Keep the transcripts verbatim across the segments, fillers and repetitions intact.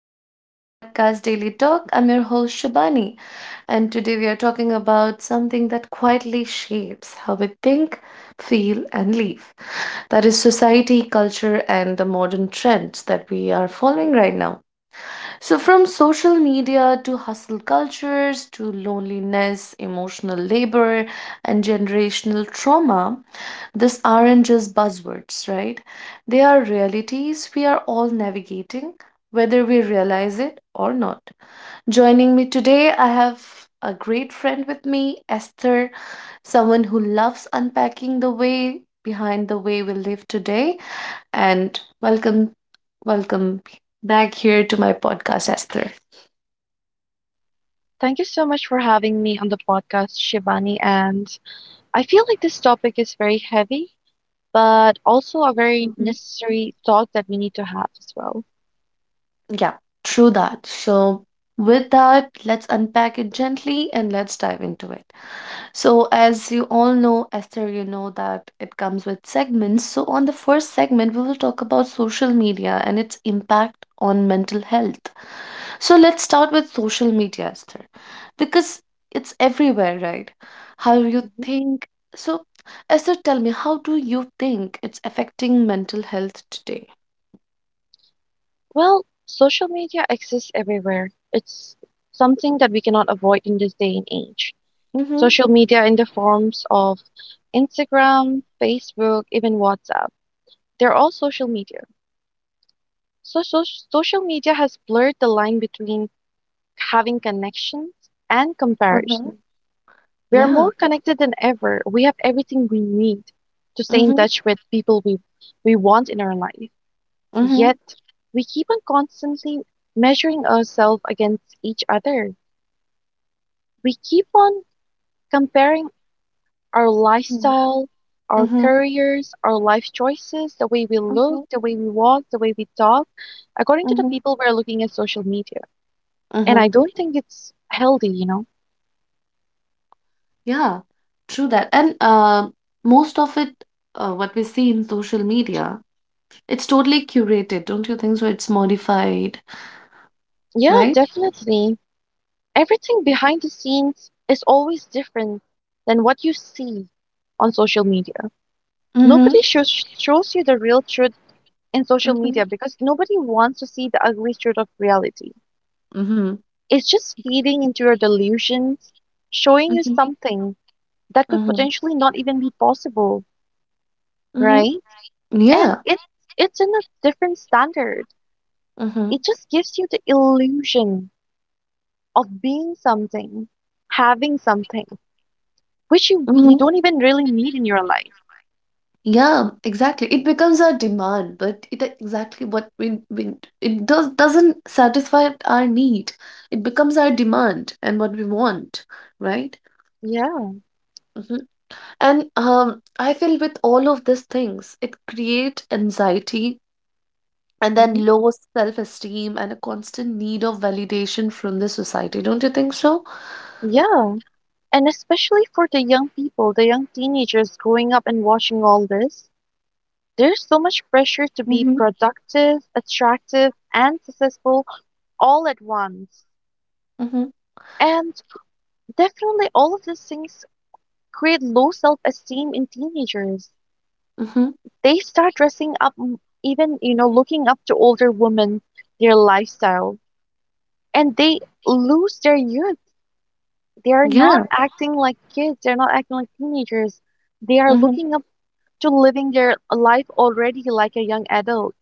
back to the podcast Daily Talk. I'm your host Shabani, and today we are talking about something that quietly shapes how we think, feel, and live. That is society, culture, and the modern trends that we are following right now. So, from social media to hustle cultures to loneliness, emotional labor, and generational trauma, these aren't just buzzwords, right? They are realities we are all navigating, whether we realize it or not. Joining me today, I have a great friend with me, Esther, someone who loves unpacking the way behind the way we live today. And welcome, welcome back here to my podcast, Esther. Thank you so much for having me on the podcast, Shivani. And I feel like this topic is very heavy, but also a very Mhm. necessary talk that we need to have as well. Yeah, true that. So, with that, let's unpack it gently and let's dive into it. So, as you all know, Esther, you know that it comes with segments. So, on the first segment, we will talk about social media and its impact on mental health. So, let's start with social media, Esther, because it's everywhere, right? How you Mhm. think. So, Esther, tell me, how do you think it's affecting mental health today? Well, social media exists everywhere. It's something that we cannot avoid in this day and age. Mm-hmm. Social media in the forms of Instagram, Facebook, even WhatsApp. They're all social media. So, so social media has blurred the line between having connections and Uh-huh. comparison. We are Yeah. more connected than ever. We have everything we need to stay in touch with people we we want in our life. Mhm, Yet we keep on constantly measuring ourselves against each other. We keep on comparing our mhm, lifestyle, our mhm, careers, our life choices, the way we mhm, look, the way we walk, the way we talk, according to the mhm, people we're looking at social media. And mhm. I don't think it's healthy, you know? Yeah, true that. And uh, most of it, uh, what we see in social media, it's totally curated, don't you think so? It's modified, Yeah, right? definitely. Everything behind the scenes is always different than what you see on social media. Nobody Mm-hmm, shows shows you the real truth in social media mm-hmm, because nobody wants to see the ugly truth of reality. mm-hmm, It's just feeding into your delusions, showing you mm-hmm, something that could mm-hmm, potentially not even be possible, mm-hmm. right? And Yeah, it it's in a different standard. mm-hmm, It just gives you the illusion of being something, having something, which you you mm-hmm. don't even really need in your life. Yeah, exactly. It becomes our demand, but it exactly what we, we it does doesn't satisfy our need. It becomes our demand and what we want, right? Yeah. Mhm. And um, I feel with all of these things, it create anxiety and then Hmm. low self-esteem and a constant need of validation from the society. Don't you think so? Yeah. And especially for the young people, the young teenagers growing up and watching all this, there's so much pressure to be Mm-hmm. productive, attractive, and successful all at once. Mm-hmm. And definitely all of these things create low self-esteem in teenagers. Mm-hmm. They start dressing up m- even, you know, looking up to older women, their lifestyle, and they lose their youth. They are not Yeah. acting like kids. They're not acting like teenagers. They are Mm-hmm. looking up to living their life already like a young adult.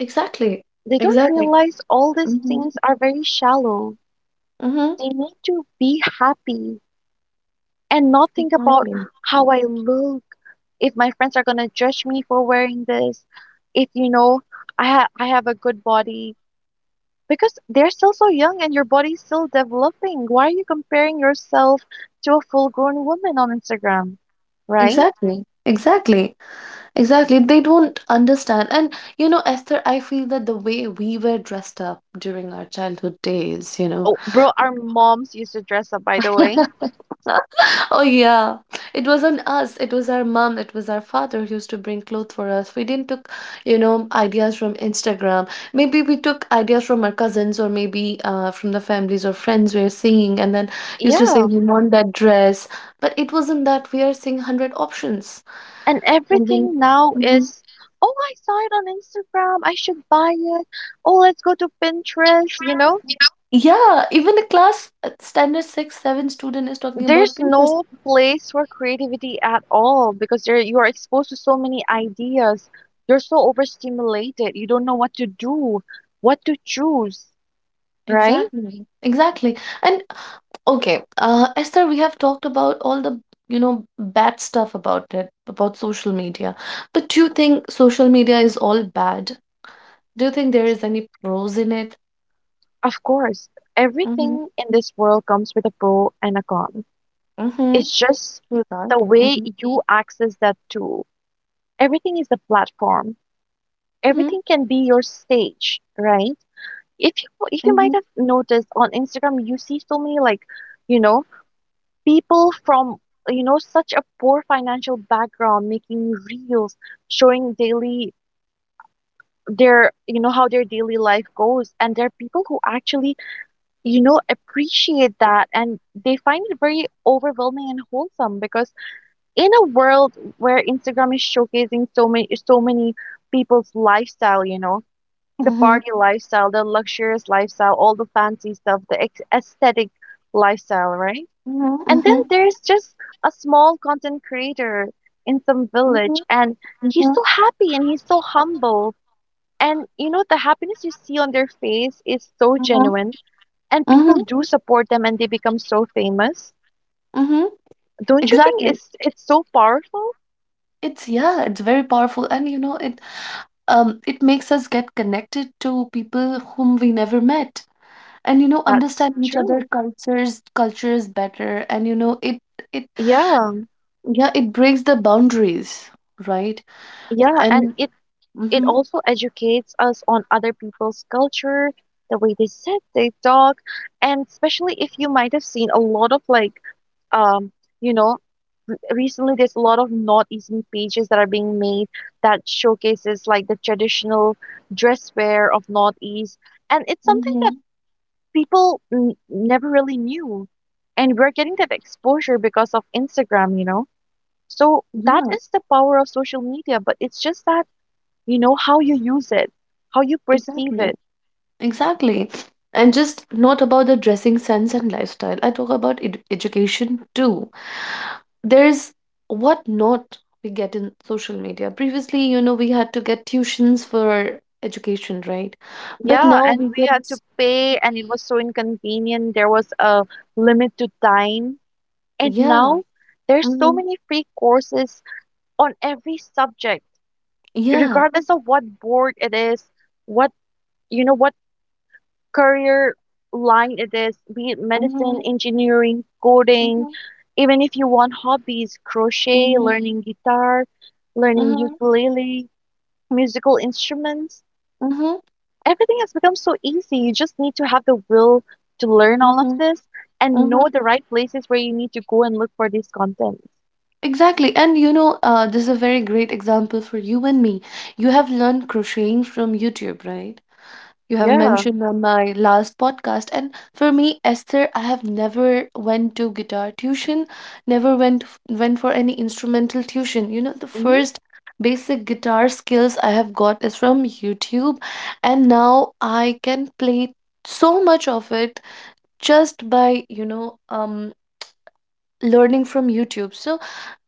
Exactly. They don't Exactly. realize all these Mm-hmm. things are very shallow. Mm-hmm. They need to be happy and not think about Exactly. how I look, if my friends are going to judge me for wearing this, if you know I ha- I have a good body because they're still so young and your body's still developing. Why are you comparing yourself to a full-grown woman on Instagram, right? Exactly. Exactly. Exactly. They don't understand. And you know, Esther, I feel that the way we were dressed up during our childhood days, you know. Oh, bro, our moms used to dress up, by the way. Oh yeah, it wasn't us. It was our mom. It was our father who used to bring clothes for us. We didn't took, you know, ideas from Instagram. Maybe we took ideas from our cousins or maybe uh, from the families or friends we are seeing, and then used to say Yeah, we want that dress. But it wasn't that we are seeing hundred options, and and then. everything now Mhm. is, oh, I saw it on Instagram. I should buy it. Oh, let's go to Pinterest, you know? Yeah, even a class uh, standard six, seven student is talking about There's Pinterest. no place for creativity at all because you're you are exposed to so many ideas. You're so overstimulated. You don't know what to do, what to choose, right? Exactly, exactly. And okay, uh, Esther, we have talked about all the, you know, bad stuff about it, about social media. But do you think social media is all bad? Do you think there is any pros in it? Of course, Mm-hmm. everything in this world comes with a pro and a con. Mm-hmm. It's just True that. the way Mm-hmm. you access that tool, everything is the platform. Mm-hmm. Everything can be your stage, right? If you if you Mm-hmm. might have noticed on Instagram, you see so many, like, you know, people from, you know, such a poor financial background making reels, showing daily their, you know, how their daily life goes, and there are people who actually, you know, appreciate that and they find it very overwhelming and wholesome because in a world where Instagram is showcasing so many so many people's lifestyle, you know, the Mm-hmm. party lifestyle, the luxurious lifestyle, all the fancy stuff, the ex- aesthetic lifestyle, right? Mm-hmm. And then Mm-hmm. there's just a small content creator in some village, and he's Mm-hmm. so happy and he's so humble. And you know, the happiness you see on their face is so Mm-hmm. genuine, and people Mm-hmm. do support them and they become so famous. Mm-hmm. Don't you think Exactly. it's it's so powerful? It's yeah, it's very powerful, and you know, it um, it makes us get connected to people whom we never met, and you know That's understand each other true. cultures cultures better and you know it it Yeah, yeah it breaks the boundaries right yeah, and and it it mm-hmm, also educates us on other people's culture, the way they sit, they talk, and especially if you might have seen a lot of, like, um, you know, recently there's a lot of not easy pages that are being made that showcases like the traditional dress wear of Northeast, and it's something that mm-hmm, people n- never really knew, and we're getting that exposure because of Instagram, you know. So that yeah is the power of social media, but it's just that you know how you use it, how you perceive exactly it. exactly and just not about the dressing sense and lifestyle I talk about ed- education too there's what not we get in social media previously you know we had to get tuitions for education right but Yeah, now and we we get had to pay and it was so inconvenient. There was a limit to time, and yeah now there's so mhm, many free courses on every subject, yeah regardless of what board it is, what, you know, what career line it is, be it medicine, engineering, coding, mhm, even if you want hobbies, crochet, mhm, learning guitar, learning mhm, ukulele, musical instruments. mhm, Everything has become so easy. You just need to have the will to learn all of mhm, this and mhm. know the right places where you need to go and look for these contents. Exactly. And you know, uh, this is a very great example for you and me. You have learned crocheting from YouTube, right? You have Yeah. mentioned on my last podcast. And for me, Esther, I have never went to guitar tuition, never went f- went for any instrumental tuition. You know, the Mhm. first basic guitar skills I have got is from YouTube, and now I can play so much of it just by, you know, um learning from YouTube. So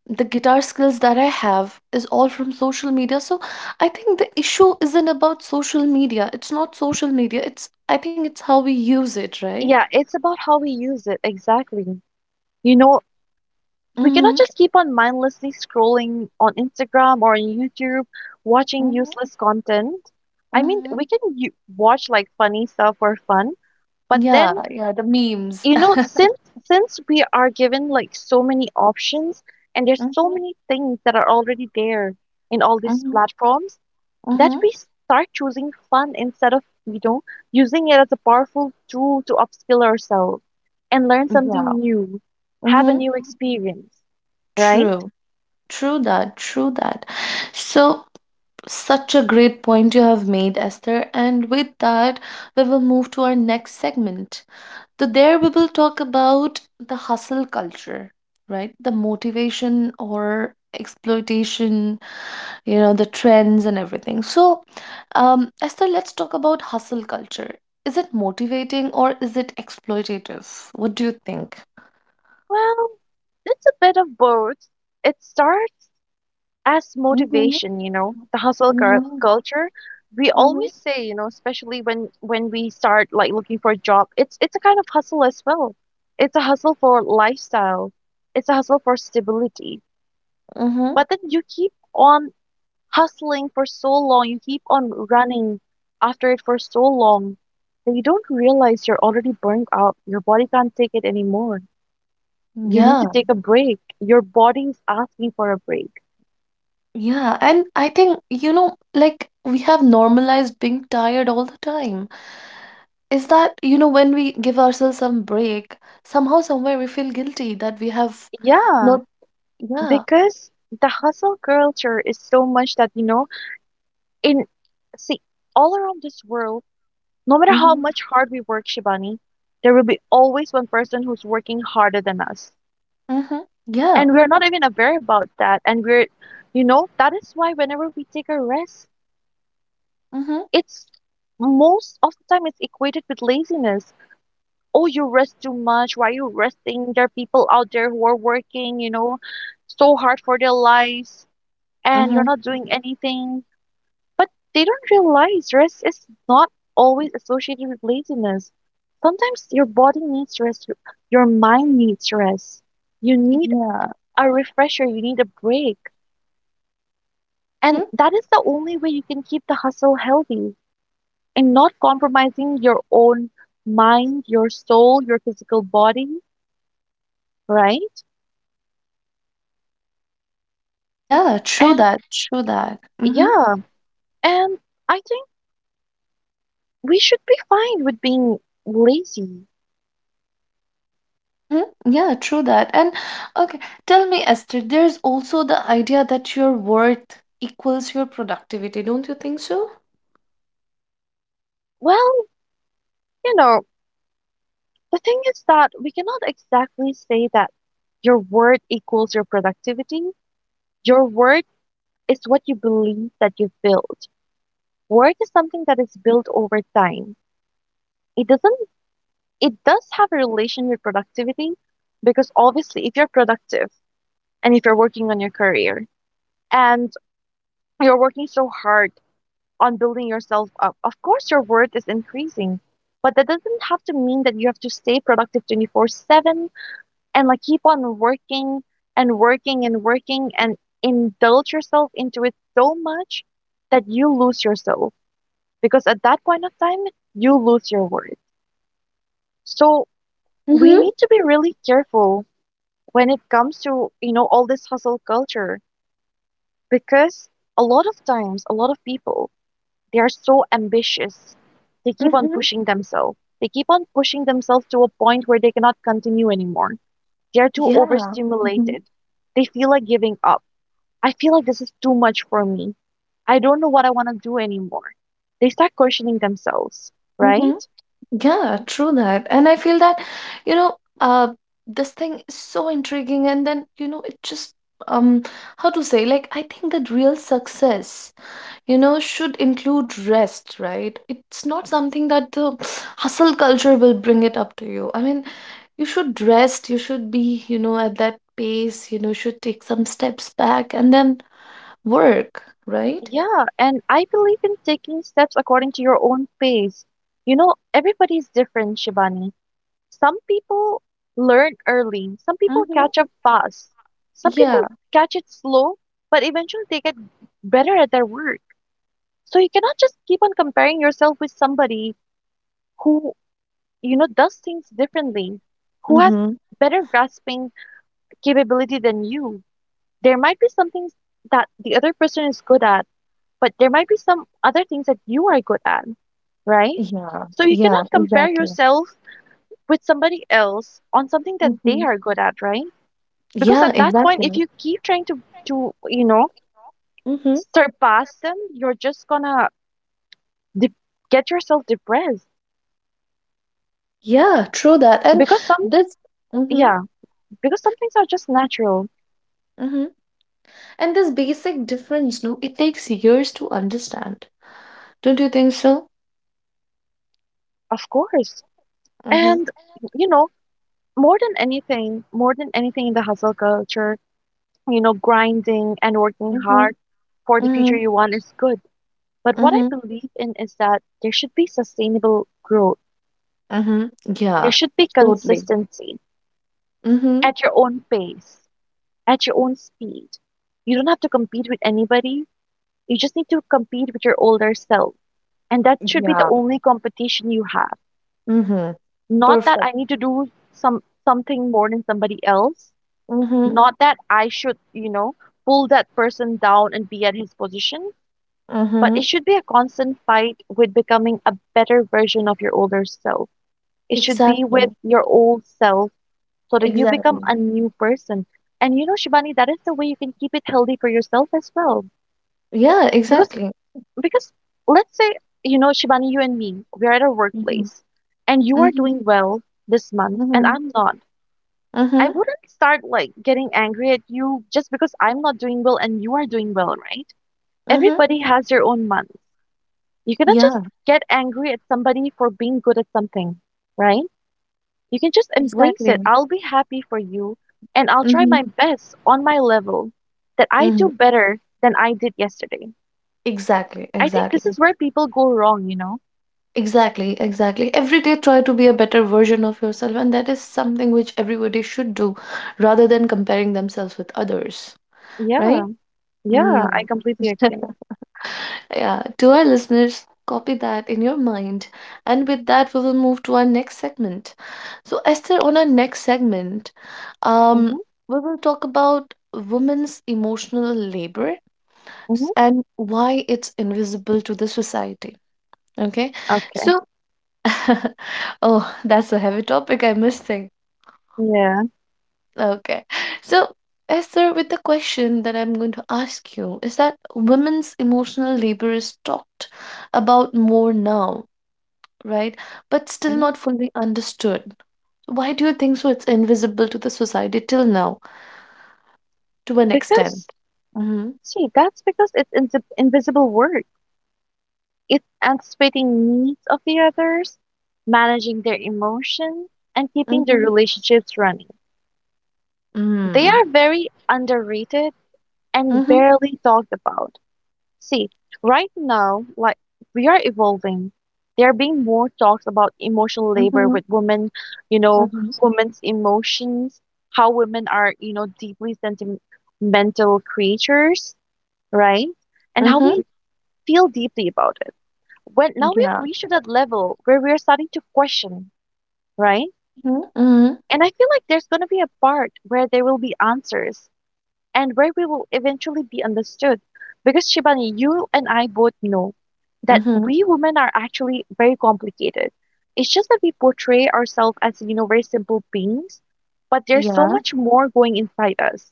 the guitar skills that I have is all from social media. So I think the issue isn't about social media. It's not social media. It's I think it's how we use it, right? Yeah, it's about how we use it. Exactly. You know, we cannot Mm-hmm. just keep on mindlessly scrolling on Instagram or on YouTube, watching Mm-hmm. useless content. I mean, Mm-hmm. we can u- watch like funny stuff for fun, but Yeah, then yeah, the memes. you know, since since we are given like so many options and there's so Mm-hmm. many things that are already there in all these Mm-hmm. platforms that Mm-hmm. we start choosing fun instead of, you know, using it as a powerful tool to upskill ourselves and learn Yeah. something new, have a Mm-hmm. new experience, right? True. True that. True that. So such a great point you have made, Esther. And with that, we will move to our next segment. So there we will talk about the hustle culture, right? The motivation or exploitation, you know, the trends and everything. So, um, Esther, let's talk about hustle culture. Is it motivating or is it exploitative? What do you think? Well, it's a bit of both. It starts as Mm-hmm, motivation, you know, the hustle cur- mm-hmm, culture. We mm-hmm, always say, you know, especially when when we start like looking for a job, it's it's a kind of hustle as well. It's a hustle for lifestyle, it's a hustle for stability. mm-hmm. But then you keep on hustling for so long, you keep on running after it for so long, that you don't realize you're already burnt out, your body can't take it anymore. You need to Yeah, take a break, your body's asking for a break. yeah. And I think, you know, like we have normalized being tired all the time. Is that you know when we give ourselves some break somehow somewhere we feel guilty that we have Yeah, not yeah because the hustle culture is so much that, you know, in, see, all around this world, no matter how much mm-hmm, hard we work, Shibani, there will be always one person who's working harder than us, mm-hmm, yeah and we're not even aware about that, and we're, you know, that is why whenever we take a rest, mm-hmm, it's most of the time it's equated with laziness. Oh, you rest too much, why are you resting, there are people out there who are working, you know, so hard for their lives, and mm-hmm, you're not doing anything. But they don't realize rest is not always associated with laziness. Sometimes your body needs rest, your your mind needs rest. You need yeah a refresher, you need a break. And mm-hmm, that is the only way you can keep the hustle healthy and not compromising your own mind, your soul, your physical body, right? yeah true And that true that mm-hmm, yeah, and I think we should be fine with being lazy. mm-hmm, yeah true that and okay tell me Esther there's also the idea that your worth equals your productivity don't you think so Well, you know, the thing is that we cannot exactly say that your word equals your productivity. Your word is what you believe that you build. Work is something that is built over time. It doesn't, it does have a relation with productivity because obviously if you're productive and if you're working on your career and you're working so hard on building yourself up, of course your worth is increasing. But that doesn't have to mean that you have to stay productive twenty-four seven and like keep on working and working and working and indulge yourself into it so much that you lose yourself, because at that point of time you lose your worth. So we mm-hmm, need to be really careful when it comes to, you know, all this hustle culture, because a lot of times a lot of people, they are so ambitious, they keep on mm-hmm, pushing themselves they keep on pushing themselves to a point where they cannot continue anymore. They're too yeah mm-hmm, overstimulated, they feel like giving up. I feel like this is too much for me. I don't know what I want to do anymore. They start questioning themselves, mm-hmm. right? Yeah, true that. And I feel that, you know, uh, this thing is so intriguing, and then, you know, it just, um, how to say, like, I think that real success, you know, should include rest, right? It's not something that the hustle culture will bring it up to you. I mean, you should rest, you should be, you know, at that pace, you know, should take some steps back and then work, right? Yeah, and I believe in taking steps according to your own pace. You know, everybody's different, Shivani. Some people learn early, some people catch Hmm. up fast, some people Yeah. catch it slow, but eventually they get better at their work. So you cannot just keep on comparing yourself with somebody who, you know, does things differently, who has Mm-hmm. better grasping capability than you. There might be some things that the other person is good at, but there might be some other things that you are good at, right? Yeah. So you cannot Yeah, compare exactly. yourself with somebody else on something that they Mm-hmm. are good at, right? Because Yeah, at that point, if exactly. you keep trying to, to you know, Mm-hmm. surpass them, you're just gonna de- get yourself depressed. Yeah, true that. And Because some, this, mm-hmm, yeah, because some things are just natural, mm-hmm. And this basic difference, no, it takes years to understand. Don't you think so? of course. Mm-hmm, And, you know, more than anything, more than anything in the hustle culture, you know, grinding and working mm-hmm, hard for the future mm-hmm, you want is good. But what I mm-hmm, believe in is that there should be sustainable growth. mm-hmm. There Yeah, should be totally. consistency Mm-hmm. at your own pace, at your own speed. You don't have to compete with anybody. You just need to compete with your older self. And that should be the Yeah. only competition you have. Mm-hmm. Not that Perfect. I need to do some something more than somebody else. Mm-hmm, Not that I should, you know, pull that person down and be at his position, but mm-hmm. it should be a constant fight with becoming a better version of your older self. It should be with Exactly. your old self so that you become a Exactly. new person. And you know, Shivani, that is the way you can keep it healthy for yourself as well. Yeah, Because exactly. because let's say, you know, Shivani, you and me, we're at a Mm-hmm, workplace and you are mm-hmm, doing well this month and mm-hmm, I'm not. I mm-hmm, wouldn't start like getting angry at you just because I'm not doing well and you are doing well, right? mm-hmm. Everybody has their own month. You cannot just Yeah, get angry at somebody for being good at something, right? You can just embrace it. exactly. I'll be happy for you and I'll try Mm-hmm, my best on my level that I mm-hmm. do better than I did yesterday. Exactly, I think this exactly. is where people go wrong, you know? Exactly, exactly. Every day, try to be a better version of yourself, and that is something which everybody should do rather than comparing themselves with others, right? Yeah, yeah, I Mm. completely agree. Yeah, to our listeners, copy that in your mind. And with that, we will move to our next segment. So, Esther, on our next segment, Mm-hmm, um, we will talk about women's emotional labor mm-hmm. s- and why it's invisible to the society. Okay, Okay, so oh, that's a heavy topic. I am missing. yeah. Okay. So, Esther, with the question that I'm going to ask you is that women's emotional labor is talked about more now, right? But still Mhm. not fully understood. Why do you think so? It's invisible to the society till now, to an Because extent. Mm-hmm. see, that's because it's insi- invisible work. It's anticipating needs of the others, managing their emotions, and keeping the Mm-hmm. relationships running. They Mm. are very underrated and Mm-hmm. barely talked about. See, right now, like we are evolving. There are being more talks about emotional labor Mm-hmm. with women, you know, Mm-hmm. women's emotions, how women are, you know, deeply sentimental creatures, right? And how Mm-hmm. we feel deeply about it. When now we've Yeah. reached that level where we're starting to question, right? Mm-hmm. Mm-hmm. And I feel like there's going to be a part where there will be answers and where we will eventually be understood. Because Shibani, you and I both know that Mm-hmm. we women are actually very complicated. It's just that we portray ourselves as, you know, very simple beings, but there's so Yeah. much more going inside us,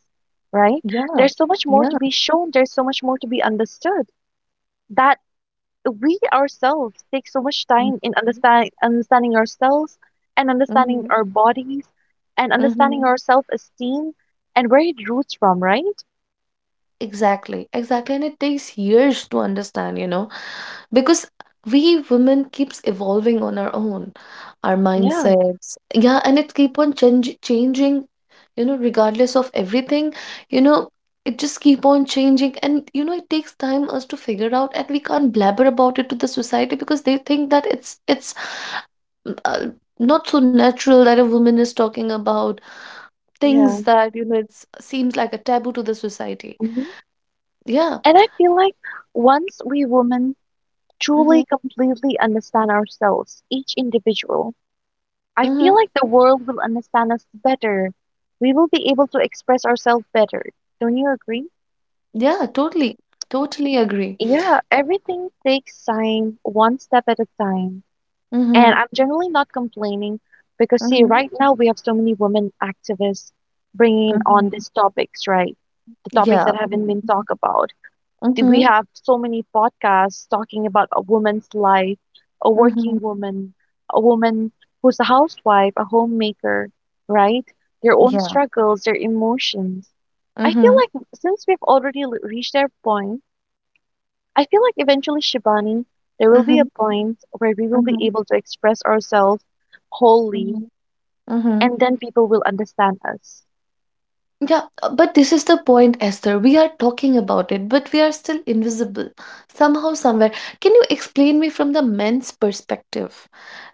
right? Yeah. There's so much more Yeah. to be shown, there's so much more to be understood that we ourselves take so much time in Mm-hmm. understand, understanding ourselves and understanding Mm-hmm. our bodies and understanding Mm-hmm. our self esteem and where it roots from, right? Exactly. Exactly. And it takes years to understand, you know, because we women keeps evolving on our own, our Yeah, mindsets. Yeah, and it keep on change changing, you know, regardless of everything, you know, it just keep on changing. And you know, it takes time us to figure out, and we can't blabber about it to the society because they think that it's it's mm, uh, not so natural that a woman is talking about things yeah. that, you know, it seems like a taboo to the society. Hmm. Yeah. And I feel like once we women Mhm. truly, completely understand ourselves, each individual, I Mhm. feel like the world will understand us better. We will be able to express ourselves better. Don't you agree? Yeah, totally. Totally agree. Yeah, everything takes time, one step at a time. And Mhm. I'm generally not complaining because, see, Mhm. right now we have so many women activists bringing on Mhm. these topics, right? The topics Yeah. that haven't been talked about. The- We Mhm. have so many podcasts talking about a woman's life, a Mhm. working woman, a woman who's a housewife, a homemaker, right? Their own Yeah. struggles, their emotions. I feel Mhm. like since we've already l- reached that point I feel like eventually, Shivani, there will be a Mhm. point where we will be Mhm. able to express ourselves wholly, Mhm. Mhm. and then people will understand us. Yeah, uh, but this is the point, Esther. We are talking about it, but we are still invisible somehow, somewhere. Can you explain me from the men's perspective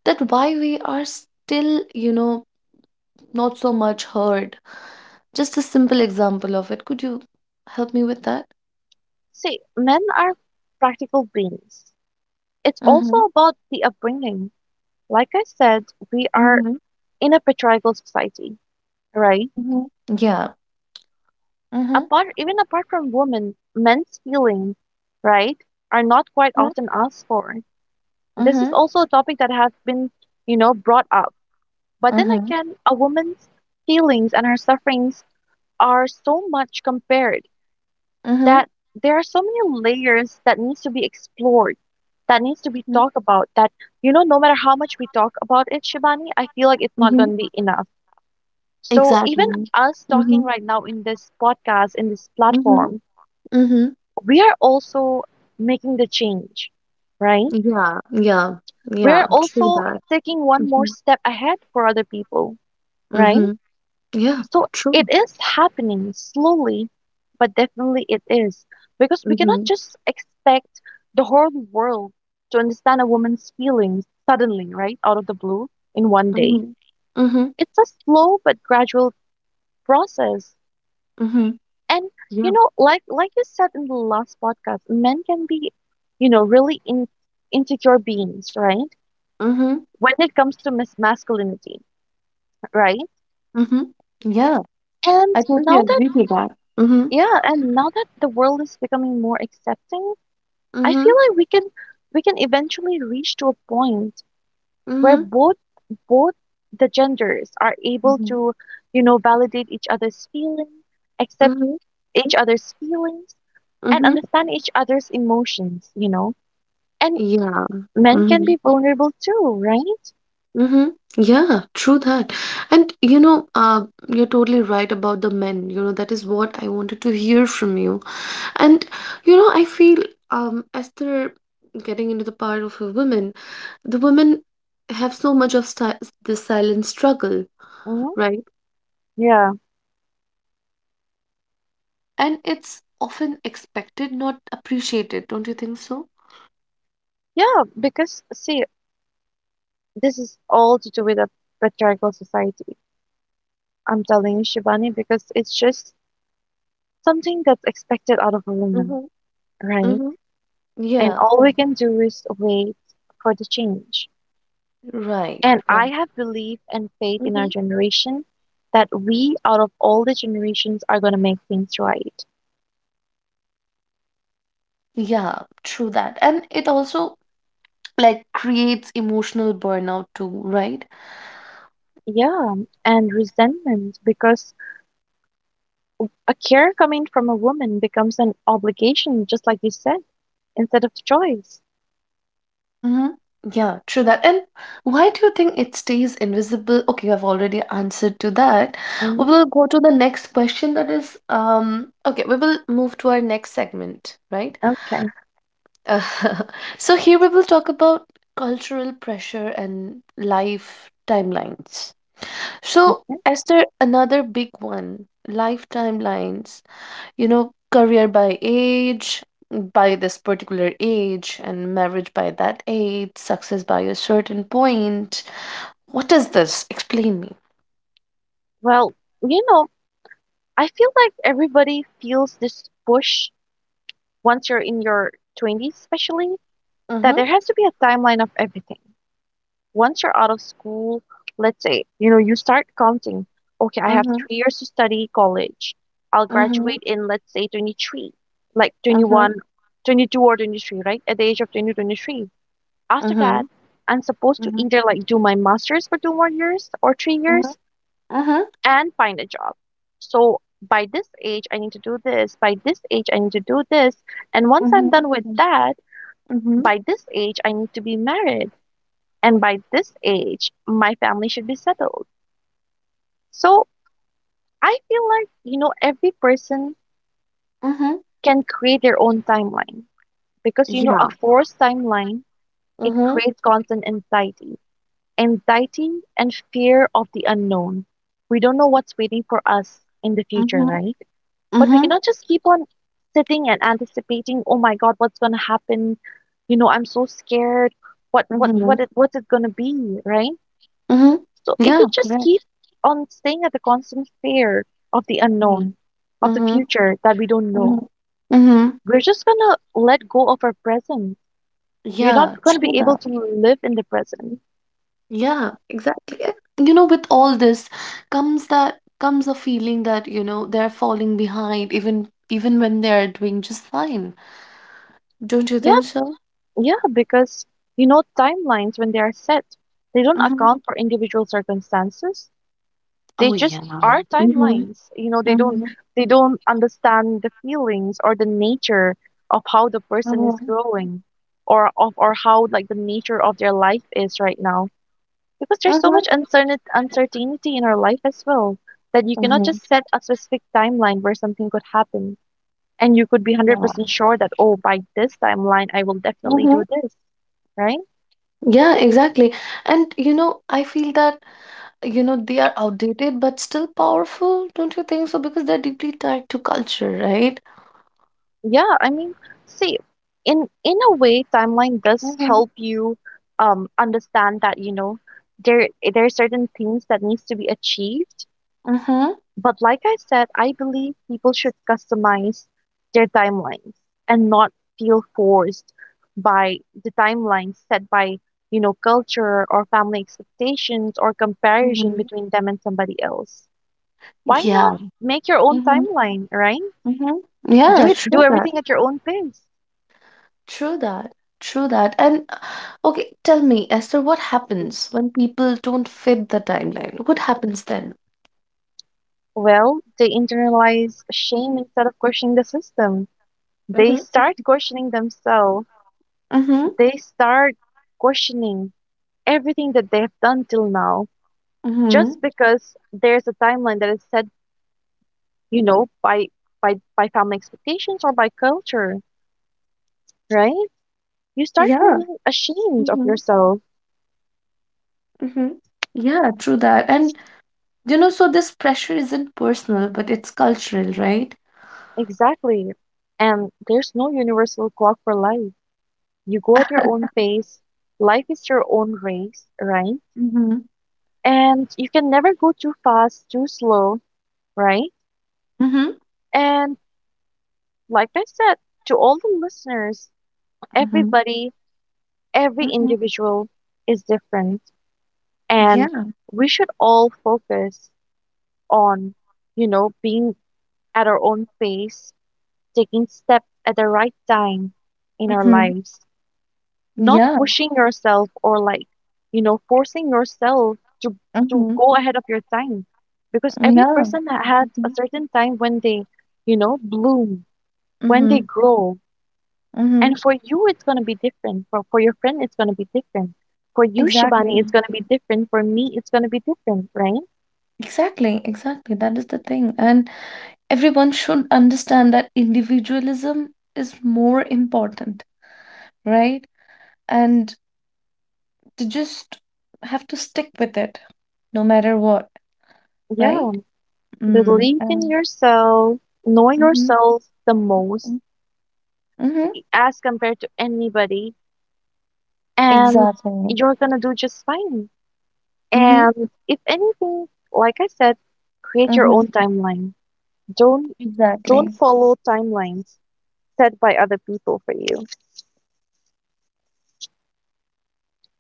that why we are still, you know, not so much heard? Just a simple example of it. Could you help me with that? See, men are practical beings. It's also Mm-hmm. about the upbringing. Like I said, we are Мгм, in a patriarchal society, right? мгм. Yeah. Mhm, Apart, even apart from women, men's feelings, right, are not quite mhm, often asked for. This is mhm, also a topic that has been, you know, brought up. But then mhm, again, a woman's feelings and her sufferings are so much compared mhm, that there are so many layers that needs to be explored, that needs to be mhm, talked about. That you know, no matter how much we talk about it, Shivani, I feel like it's not mhm. going to be enough. So even Exactly. us talking Mhm, right now in this podcast, in this mhm, platform, mhm. we are also making the change, right? Yeah, yeah, We yeah. are True also that. taking one more Mhm, step ahead for other people, right? mhm. Yeah, So it true. is happening slowly, but definitely it is. Because we cannot Mhm, just expect the whole world to understand a woman's feelings suddenly, right? Out of the blue in one day. mhm, mhm, It's a slow but gradual process. mhm. And you Yeah. know, like like you said in the last podcast, men can be, you know, really in, insecure beings, right? Mhm, When it comes to mis- masculinity, right? mhm. Yeah. And I now totally that agree with that. Mhm, yeah, and now that the world is becoming more accepting, I feel mhm, like we can we can eventually reach to a point where mhm, both both the genders are able mhm, to, you know, validate each other's feelings, accept mhm, each other's feelings, and mhm. understand each other's emotions, you know. And Yeah. men can Mhm. be vulnerable too, right? Mm-hmm. Yeah, true that. And you know, uh, you're totally right about the men. You know, that is what I wanted to hear from you. And you know, I feel um, as they're getting into the part of a woman, the women have so much of sti- this silent struggle, Hmm. right? Yeah. And it's often expected, not appreciated. Don't you think so? Yeah, because see, this is all to do with a patriarchal society. I'm telling you, Shivani, because it's just something that's expected out of a woman, Mm-hmm. right? Mm-hmm. And Yeah, all we can do is wait for the change. right, And I right. have belief and faith in Mm-hmm. our generation that we, out of all the generations, are going to make things right. Yeah, true that. And it also like creates emotional burnout too, right? Yeah, and resentment because a care coming from a woman becomes an obligation, just like you said, instead of choice. Hmm. Yeah, true that. And why do you think it stays invisible? Okay, I've already answered to that. We Hmm. will go to the next question that is um okay, we will move to our next segment, right? Okay. Uh, so here we will talk about cultural pressure and life timelines. So, Okay. Esther, another big one, life timelines. You know, career by age, mm, by this particular age, and marriage by that age, success by a certain point. What is this? Explain me. Well, you know, I feel like everybody feels this push once you're in your twenties, especially, that Mm-hmm. there has to be a timeline of everything once you're out of school, let's say, you know, you start counting, okay, I have Mm-hmm. three years to study college. I'll Mm-hmm. graduate in, let's say, twenty-three, like Mm-hmm. twenty-one, twenty-two or twenty-three, right? At the age of twenty, twenty-three. After Mm-hmm. that, I'm supposed to Mm-hmm. either like do my master's for two more years or three Mm-hmm. years and find a job. So by this age, I need to do this. By this age, I need to do this. And once I'm Mm-hmm. done with that, Mm-hmm. by this age, I need to be married and by this age my family should be settled. So I feel like you know every person Mm-hmm. can create their own timeline because you know a Yeah. forced timeline, it Mm-hmm. creates constant anxiety anxiety and fear of the unknown. We don't know what's waiting for us in the future, Mm-hmm. right? But we Mm-hmm. cannot just keep on sitting and anticipating, oh my god, what's going to happen, you know, I'm so scared, what what Mm-hmm. what it, what's it going to be, right? Mm-hmm. So if you Yeah, just keep correct. on staying at the constant fear of the Mm-hmm. unknown, of the Mm-hmm. future that we don't know, Mm-hmm. we're just gonna let go of our present. We're Yeah, not gonna true be able that. to live in the present. Yeah, exactly. And, you know, with all this comes that comes a feeling that, you know, they're falling behind even even when they're doing just fine. Don't you Yeah, think so? yeah, because you know timelines when they are set, they don't Mm-hmm. account for individual circumstances. They Oh just yeah. are Mm-hmm. timelines. You know, they don't Mm-hmm. they don't understand the feelings or the nature of how the person is Mm-hmm. growing or of or how like the nature of their life is right now. Because there's so much uncertain uncertainty in our life as well that you cannot Mm-hmm. just set a specific timeline where something could happen and you could be Yeah. one hundred percent sure that oh by this timeline I will definitely Mm-hmm. do this, right? Yeah, exactly. And you know, I feel that, you know, they are outdated but still powerful, don't you think so? Because they're deeply tied to culture, right? Yeah, I mean, see, in in a way, timeline does Mm-hmm. help you um understand that, you know, there there are certain things that needs to be achieved. Mm-hmm. But like I said, I believe people should customize their timelines and not feel forced by the timelines set by, you know, culture or family expectations or comparison Mm-hmm. between them and somebody else. Why not Yeah. make your own timeline, right? Mhm. Do Yeah, it, do true that. everything at your own pace. True that. True that. And uh, okay, tell me, Esther, what happens when people don't fit the timeline? What happens then? Well, they internalize shame instead of questioning the system. They Hmm. start questioning themselves. Mm-hmm. They start questioning everything that they have done till now, Mm-hmm. just because there's a timeline that is set, you know, by by by family expectations or by culture, right? You start Yeah. feeling ashamed of Mm-hmm. yourself. Mm-hmm. Yeah, true that. And you know, so this pressure isn't personal, but it's cultural, right? Exactly. And there's no universal clock for life. You go at your own pace. Life is your own race, right? Mm-hmm. And you can never go too fast, too slow, right? Mm-hmm. And like I said, to all the listeners, Mm-hmm. everybody, every Mm-hmm. individual is different. And Yeah. we should all focus on, you know, being at our own pace, taking steps at the right time in our Mm-hmm. lives. Not Yeah. pushing yourself or like you know forcing yourself to to Mm-hmm. go ahead of your time because every Yeah. person ha- has a Mm-hmm. certain time when they you know bloom, when Mm-hmm. they grow, Mm-hmm. and for you it's going to be different, for, for your friend it's going to be different, for you Shibani it's Exactly. going to be different, for me it's going to be different, right? Exactly, exactly. That is the thing. And everyone should understand that individualism is more important, right? And to just have to stick with it no matter what, Yeah, right? Mm, believe in um, yourself, know mm-hmm, yourself the most mm-hmm, mm-hmm, as compared to anybody, and exactly. you're going to do just fine. Mm-hmm, And if anything, like I said, create your mm-hmm, own timeline. Don't don't exactly. follow timelines set by other people for you,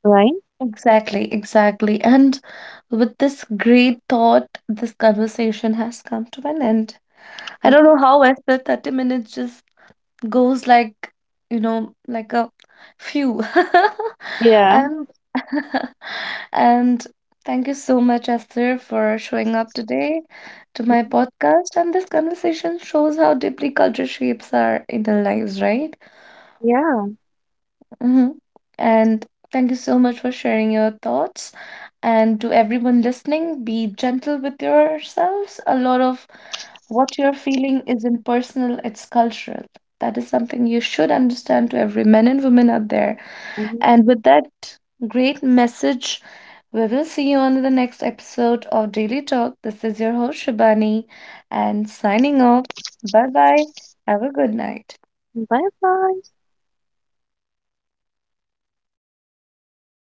right? Exactly, exactly. And with this great thought, this conversation has come to an end. I don't Mhm. know how after thirty minutes just goes like you know like a few Yeah. and and thank you so much Esther for showing up today to my Mhm. podcast and this conversation shows how deeply culture shapes our inner lives right. Yeah. Mm-hmm. And thank you so much for sharing your thoughts. And to everyone listening, be gentle with yourselves. A lot of what you're feeling isn't personal, it's cultural. That is something you should understand to every man and woman out there. Hmm. And with that great message, we will see you on the next episode of Daily Talk. This is your host, Shibani, and signing off. Bye bye. Have a good night. Bye bye.